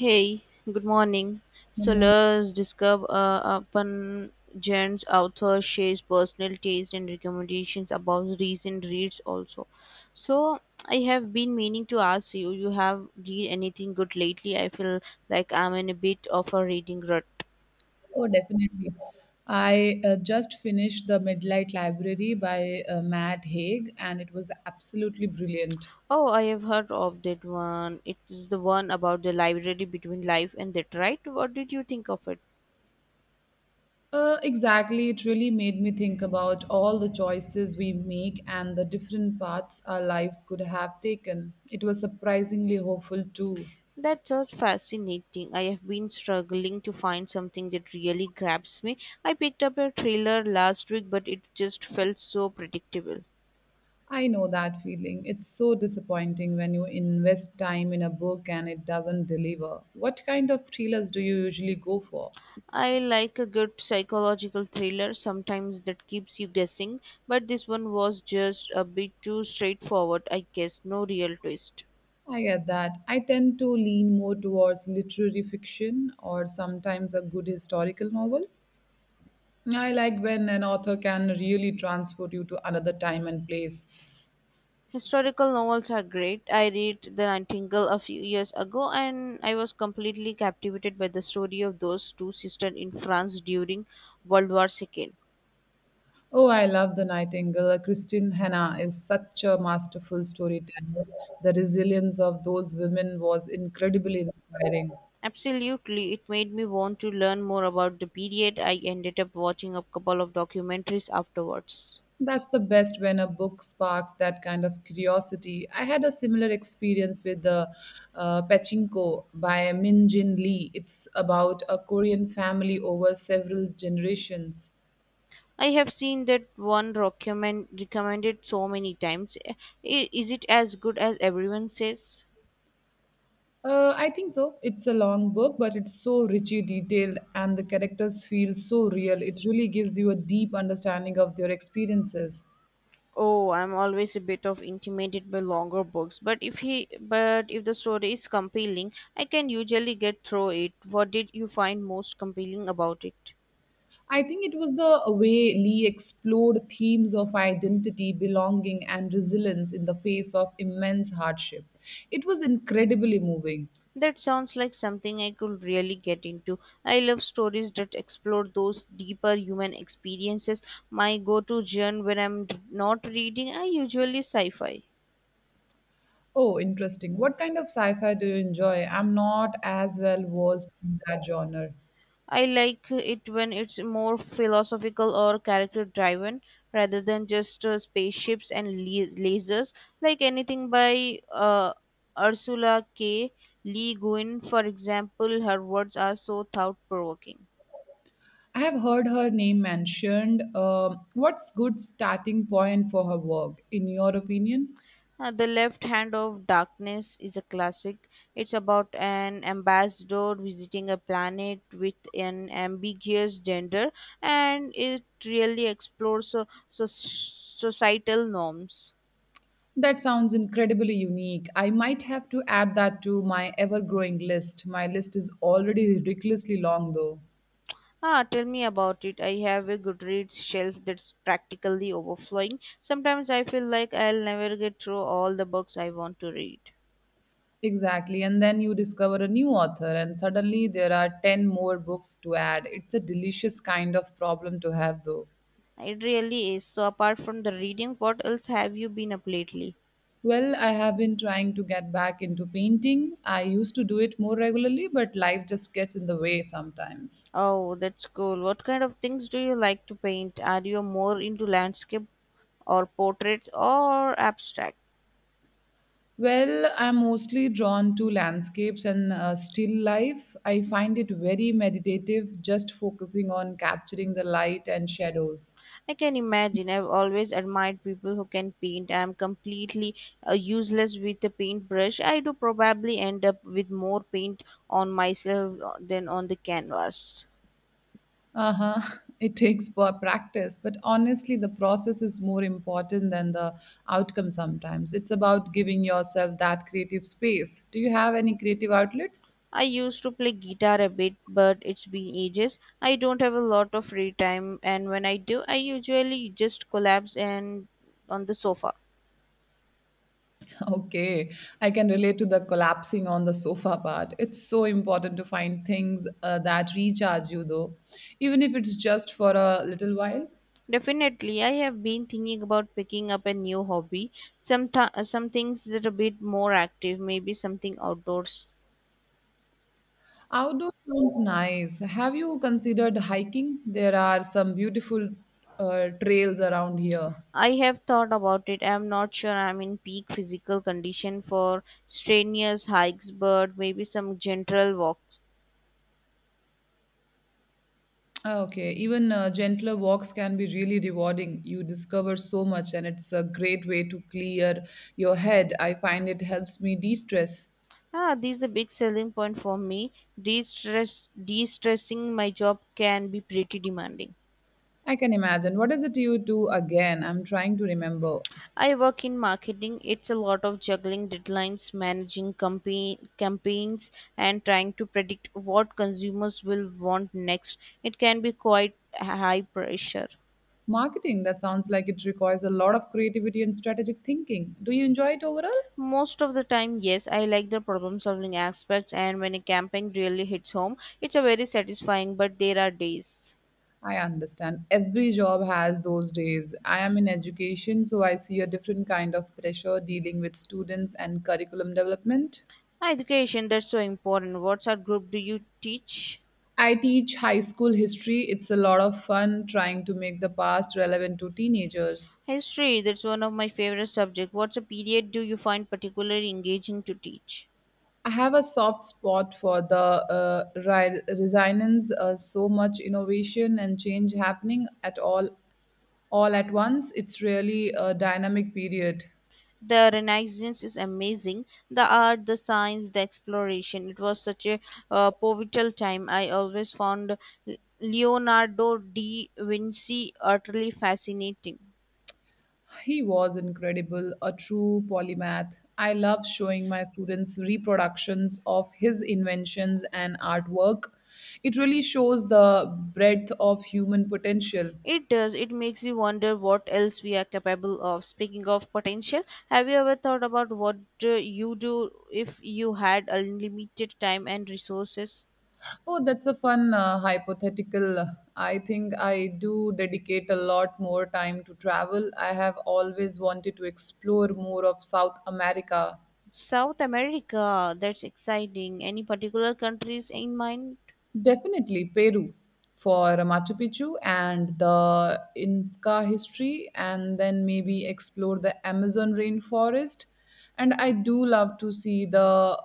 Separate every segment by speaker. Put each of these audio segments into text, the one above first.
Speaker 1: Hey, good morning. So
Speaker 2: Oh,
Speaker 1: let's discuss upon Jen's author shares personal taste and recommendations about recent reads also. So I have been meaning to ask you, you have read anything good lately? I feel like I'm in a bit of a reading rut.
Speaker 2: definitely. I just finished The Midnight Library by Matt Haig, and it was absolutely brilliant.
Speaker 1: Oh, I have heard of that one. It is the one about the library between life and death, right? What did you think of it?
Speaker 2: Exactly. It really made me think about all the choices we make and the different paths our lives could have taken. It was surprisingly hopeful, too.
Speaker 1: That's so fascinating. I have been struggling to find something that really grabs me. I picked up a thriller last week, but it just felt so predictable.
Speaker 2: I know that feeling. It's so disappointing when you invest time in a book and it doesn't deliver. What kind of thrillers do you usually go for?
Speaker 1: I like a good psychological thriller, sometimes that keeps you guessing, but this one was just a bit too straightforward, I guess, no real twist.
Speaker 2: I get that. I tend to lean more towards literary fiction or sometimes a good historical novel. I like when an author can really transport you to another time and place.
Speaker 1: Historical novels are great. I read The Nightingale a few years ago and I was completely captivated by the story of those two sisters in France during World War II.
Speaker 2: Oh, I love The Nightingale. Christine Hanna is such a masterful storyteller. The resilience of those women was incredibly inspiring.
Speaker 1: Absolutely, it made me want to learn more about the period. I ended up watching a couple of documentaries afterwards.
Speaker 2: That's the best when a book sparks that kind of curiosity. I had a similar experience with the Pachinko by Min Jin Lee. It's about a Korean family over several generations.
Speaker 1: I have seen that one recommended so many times. Is it as good as everyone says?
Speaker 2: I think so. It's a long book, but it's so richly detailed, and the characters feel so real. It really gives you a deep understanding of their experiences.
Speaker 1: Oh, I'm always a bit of intimidated by longer books, but if the story is compelling, I can usually get through it. What did you find most compelling about it?
Speaker 2: I think it was the way Lee explored themes of identity, belonging, and resilience in the face of immense hardship. It was incredibly moving.
Speaker 1: That sounds like something I could really get into. I love stories that explore those deeper human experiences. My go to genre when not reading, I usually sci fi.
Speaker 2: Oh, interesting. What kind of sci fi do you enjoy? I'm not as well versed in that genre.
Speaker 1: I like it when it's more philosophical or character driven rather than just spaceships and lasers, like anything by Ursula K. Le Guin, for example, her words are so thought provoking.
Speaker 2: I have heard her name mentioned. What's good starting point for her work, in your opinion?
Speaker 1: The Left Hand of Darkness is a classic. It's about an ambassador visiting a planet with an ambiguous gender, and it really explores societal norms.
Speaker 2: That sounds incredibly unique. I might have to add that to my ever growing list. My list is already ridiculously long, though.
Speaker 1: Ah, tell me about it. I have a Goodreads shelf that's practically overflowing. Sometimes I feel like I'll never get through all the books I want to read.
Speaker 2: Exactly. And then you discover a new author, and suddenly there are 10 more books to add. It's a delicious kind of problem to have, though.
Speaker 1: It really is. So, apart from the reading, what else have you been up lately?
Speaker 2: Well, I have been trying to get back into painting. I used to do it more regularly, but life just gets in the way sometimes.
Speaker 1: Oh, that's cool. What kind of things do you like to paint? Are you more into landscape or portraits or abstract?
Speaker 2: Well, I'm mostly drawn to landscapes and still life. I find it very meditative, just focusing on capturing the light and shadows.
Speaker 1: I can imagine. I've always admired people who can paint. I'm completely useless with a paintbrush. I do probably end up with more paint on myself than on the canvas.
Speaker 2: Uh-huh. It takes practice, but honestly, the process is more important than the outcome sometimes. It's about giving yourself that creative space. Do you have any creative outlets?
Speaker 1: I used to play guitar a bit, but it's been ages. I don't have a lot of free time, and when I do, I usually just collapse and on the sofa.
Speaker 2: Okay, I can relate to the collapsing on the sofa part. It's so important to find things that recharge you, though, even if it's just for a little while.
Speaker 1: Definitely, I have been thinking about picking up a new hobby. Some things that are a bit more active, maybe something outdoors.
Speaker 2: Outdoor sounds nice. Have you considered hiking? There are some beautiful trails around here.
Speaker 1: I have thought about it. I am not sure I am in peak physical condition for strenuous hikes, but maybe some gentle walks.
Speaker 2: Ah, okay, even gentler walks can be really rewarding. You discover so much, and it's a great way to clear your head. I find it helps me de stress.
Speaker 1: Ah, this is a big selling point for me. De-stress, de-stressing my job can be pretty demanding.
Speaker 2: I can imagine. What is it you do again? I'm trying to remember.
Speaker 1: I work in marketing. It's a lot of juggling deadlines, managing campaigns, and trying to predict what consumers will want next. It can be quite high pressure.
Speaker 2: Marketing, that sounds like it requires a lot of creativity and strategic thinking. Do you enjoy it overall?
Speaker 1: Most of the time, yes, I like the problem solving aspects, and when a campaign really hits home, it's a very satisfying, but there are days.
Speaker 2: I understand. Every job has those days. I am in education, so I see a different kind of pressure dealing with students and curriculum development.
Speaker 1: Education, that's so important. What's our group do you teach?
Speaker 2: I teach high school history. It's a lot of fun trying to make the past relevant to teenagers.
Speaker 1: History, that's one of my favorite subjects. What's a period do you find particularly engaging to teach?
Speaker 2: I have a soft spot for the resilience, so much innovation and change happening at all at once. It's really a dynamic period.
Speaker 1: The Renaissance is amazing. The art, the science, the exploration. It was such a pivotal time. I always found Leonardo da Vinci utterly fascinating.
Speaker 2: He was incredible, a true polymath. I love showing my students reproductions of his inventions and artwork. It really shows the breadth of human potential.
Speaker 1: It does. It makes you wonder what else we are capable of. Speaking of potential, have you ever thought about what you do if you had unlimited time and resources?
Speaker 2: Oh, that's a fun hypothetical. I think I do dedicate a lot more time to travel. I have always wanted to explore more of South America.
Speaker 1: South America, that's exciting. Any particular countries in mind?
Speaker 2: Definitely Peru for Machu Picchu and the Inca history, and then maybe explore the Amazon rainforest. And I do love to see the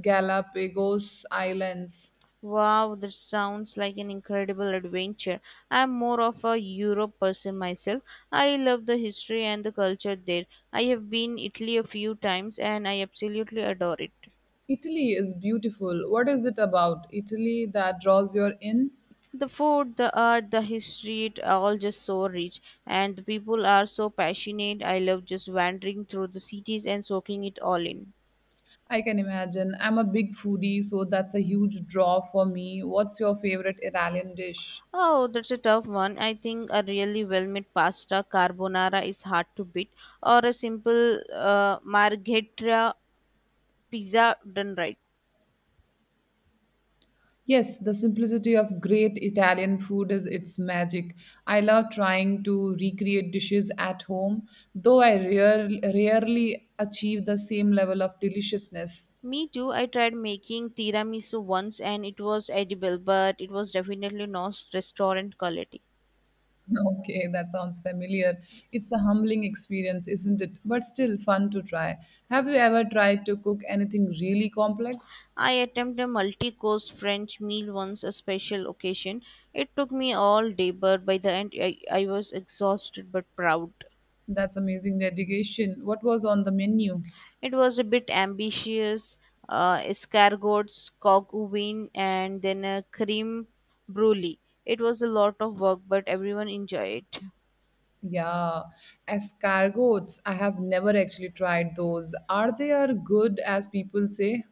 Speaker 2: Galapagos Islands.
Speaker 1: Wow, that sounds like an incredible adventure. I'm more of a Europe person myself. I love the history and the culture there. I have been Italy a few times and I absolutely adore it.
Speaker 2: Italy is beautiful. What is it about Italy that draws your in?
Speaker 1: The food, the art, the history, it all just so rich and the people are so passionate. I love just wandering through the cities and soaking it all in.
Speaker 2: I can imagine. I'm a big foodie, so that's a huge draw for me. What's your favorite Italian dish?
Speaker 1: Oh, that's a tough one. I think a really well-made pasta carbonara is hard to beat or a simple margherita pizza done right.
Speaker 2: Yes, the simplicity of great Italian food is its magic. I love trying to recreate dishes at home, though I rarely achieve the same level of deliciousness.
Speaker 1: Me too. I tried making tiramisu once and it was edible, but it was definitely not restaurant quality.
Speaker 2: Okay, that sounds familiar. It's a humbling experience, isn't it? But still fun to try. Have you ever tried to cook anything really complex?
Speaker 1: I attempted a multi-course French meal once, a special occasion. It took me all day, but by the end, I was exhausted but proud.
Speaker 2: That's amazing dedication. What was on the menu?
Speaker 1: It was a bit ambitious, escargots, coq au vin, and then a cream brulee. It was a lot of work, but everyone enjoyed it.
Speaker 2: Yeah, escargots. I have never actually tried those. Are they are good as people say?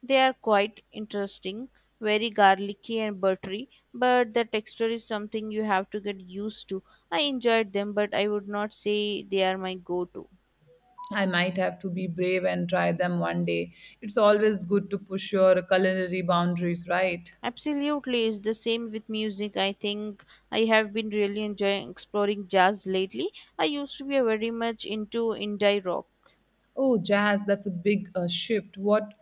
Speaker 1: They are quite interesting, very garlicky and buttery, but the texture is something you have to get used to. I enjoyed them, but I would not say they are my go to.
Speaker 2: I might have to be brave and try them one day. It's always good to push your culinary boundaries, right?
Speaker 1: Absolutely, it's the same with music. I think I have been really enjoying exploring jazz lately. I used to be very much into indie rock.
Speaker 2: Oh, jazz. That's a big shift. What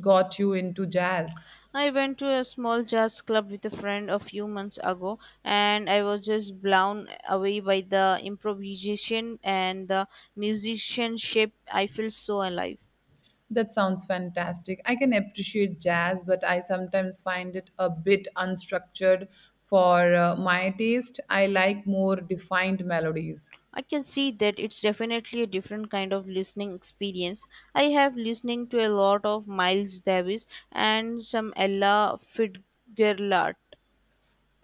Speaker 2: got you into jazz?
Speaker 1: I went to a small jazz club with a friend a few months ago, and I was just blown away by the improvisation and the musicianship. I feel so alive.
Speaker 2: That sounds fantastic. I can appreciate jazz, but I sometimes find it a bit unstructured for my taste. I like more defined melodies.
Speaker 1: I can see that it's definitely a different kind of listening experience. I have listening to a lot of Miles Davis and some Ella Fitzgerald.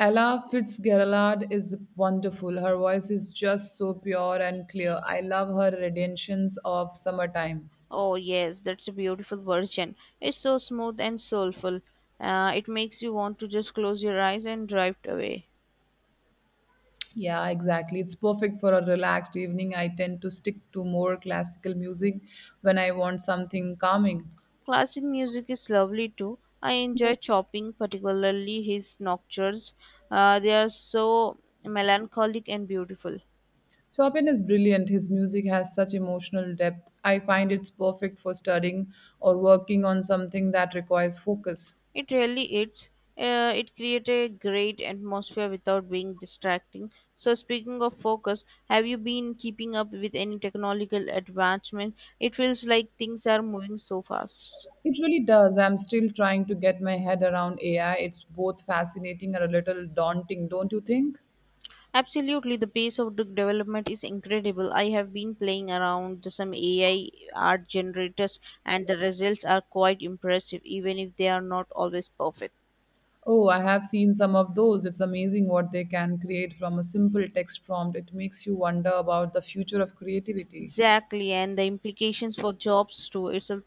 Speaker 2: Ella Fitzgerald is wonderful. Her voice is just so pure and clear. I love her renditions of Summertime.
Speaker 1: Oh yes, that's a beautiful version. It's so smooth and soulful. It makes you want to just close your eyes and drift away.
Speaker 2: Yeah, exactly. It's perfect for a relaxed evening. I tend to stick to more classical music when I want something calming.
Speaker 1: Classic music is lovely too. I enjoy Chopin, particularly his nocturnes. They are so melancholic and beautiful.
Speaker 2: Chopin is brilliant. His music has such emotional depth. I find it's perfect for studying or working on something that requires focus.
Speaker 1: It really is. It creates a great atmosphere without being distracting. So, speaking of focus, have you been keeping up with any technological advancements? It feels like things are moving so fast.
Speaker 2: It really does. I'm still trying to get my head around AI. It's both fascinating and a little daunting, don't you think?
Speaker 1: Absolutely, the pace of the development is incredible. I have been playing around with some AI art generators, and the results are quite impressive, even if they are not always perfect.
Speaker 2: Oh, I have seen some of those. It's amazing what they can create from a simple text prompt. It makes you wonder about the future of creativity.
Speaker 1: Exactly, and the implications for jobs too. It's a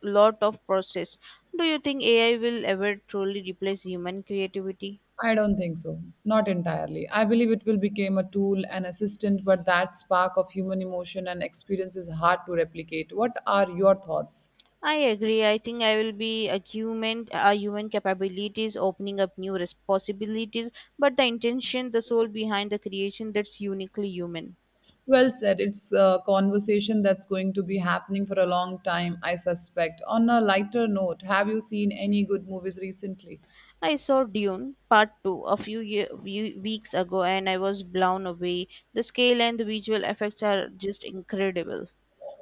Speaker 1: lot of process. Do you think AI will ever truly replace human creativity?
Speaker 2: I don't think so. Not entirely. I believe it will become a tool, an assistant, but that spark of human emotion and experience is hard to replicate. What are your thoughts?
Speaker 1: I agree. I think I will be a human capabilities opening up new possibilities, but the intention, the soul behind the creation that's uniquely human.
Speaker 2: Well said. It's a conversation that's going to be happening for a long time, I suspect. On a lighter note, have you seen any good movies recently?
Speaker 1: I saw Dune Part 2 a few weeks ago and I was blown away. The scale and the visual effects are just incredible.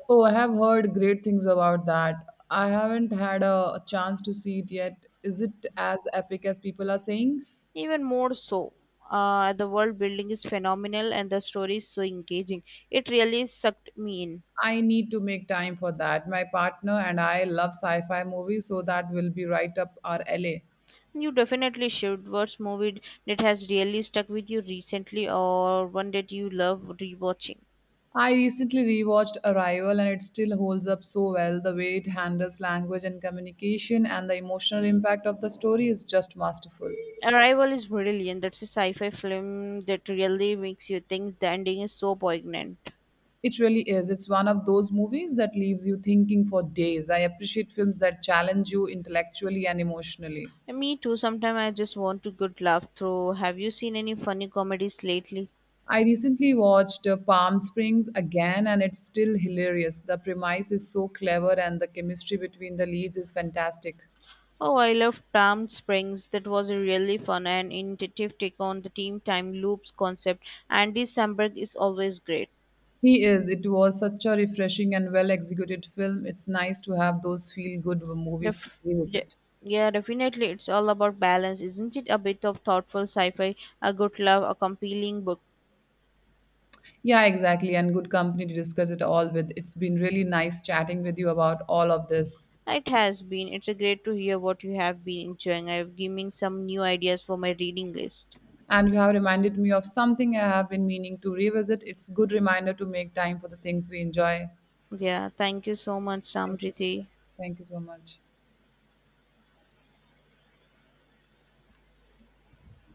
Speaker 2: Oh, I have heard great things about that. I haven't had a chance to see it yet. Is it as epic as people are saying?
Speaker 1: Even more so, the world building is phenomenal and the story is so engaging. It really sucked me in.
Speaker 2: I need to make time for that. My partner and I love sci-fi movies, so that will be right up our alley.
Speaker 1: You definitely should. What's movie that has really stuck with you recently or one that you love rewatching?
Speaker 2: I recently rewatched Arrival and it still holds up so well. The way it handles language and communication and the emotional impact of the story is just masterful.
Speaker 1: Arrival is brilliant. That's a sci fi film that really makes you think the ending is so poignant.
Speaker 2: It really is. It's one of those movies that leaves you thinking for days. I appreciate films that challenge you intellectually and emotionally.
Speaker 1: And Me too. Sometimes I just want to good laugh through. Have you seen any funny comedies lately?
Speaker 2: I recently watched Palm Springs again, and it's still hilarious. The premise is so clever, and the chemistry between the leads is fantastic.
Speaker 1: Oh, I love Palm Springs. That was a really fun and innovative take on the team time loops concept. Andy Samberg is always great.
Speaker 2: He is. It was such a refreshing and well executed film. It's nice to have those feel good movies
Speaker 1: Def-
Speaker 2: to
Speaker 1: de-
Speaker 2: revisit.
Speaker 1: yeah, definitely. It's all about balance, isn't it? A bit of thoughtful sci-fi, a good laugh, a compelling book.
Speaker 2: Yeah, exactly. And good company to discuss it all with. It's been really nice chatting with you about all of this.
Speaker 1: It has been. It's a great to hear what you have been enjoying. I have given some new ideas for my reading list.
Speaker 2: And you have reminded me of something I have been meaning to revisit. It's good reminder to make time for the things we enjoy.
Speaker 1: Yeah, thank you so much,
Speaker 2: Thank
Speaker 1: Samriti.
Speaker 2: Thank you so much.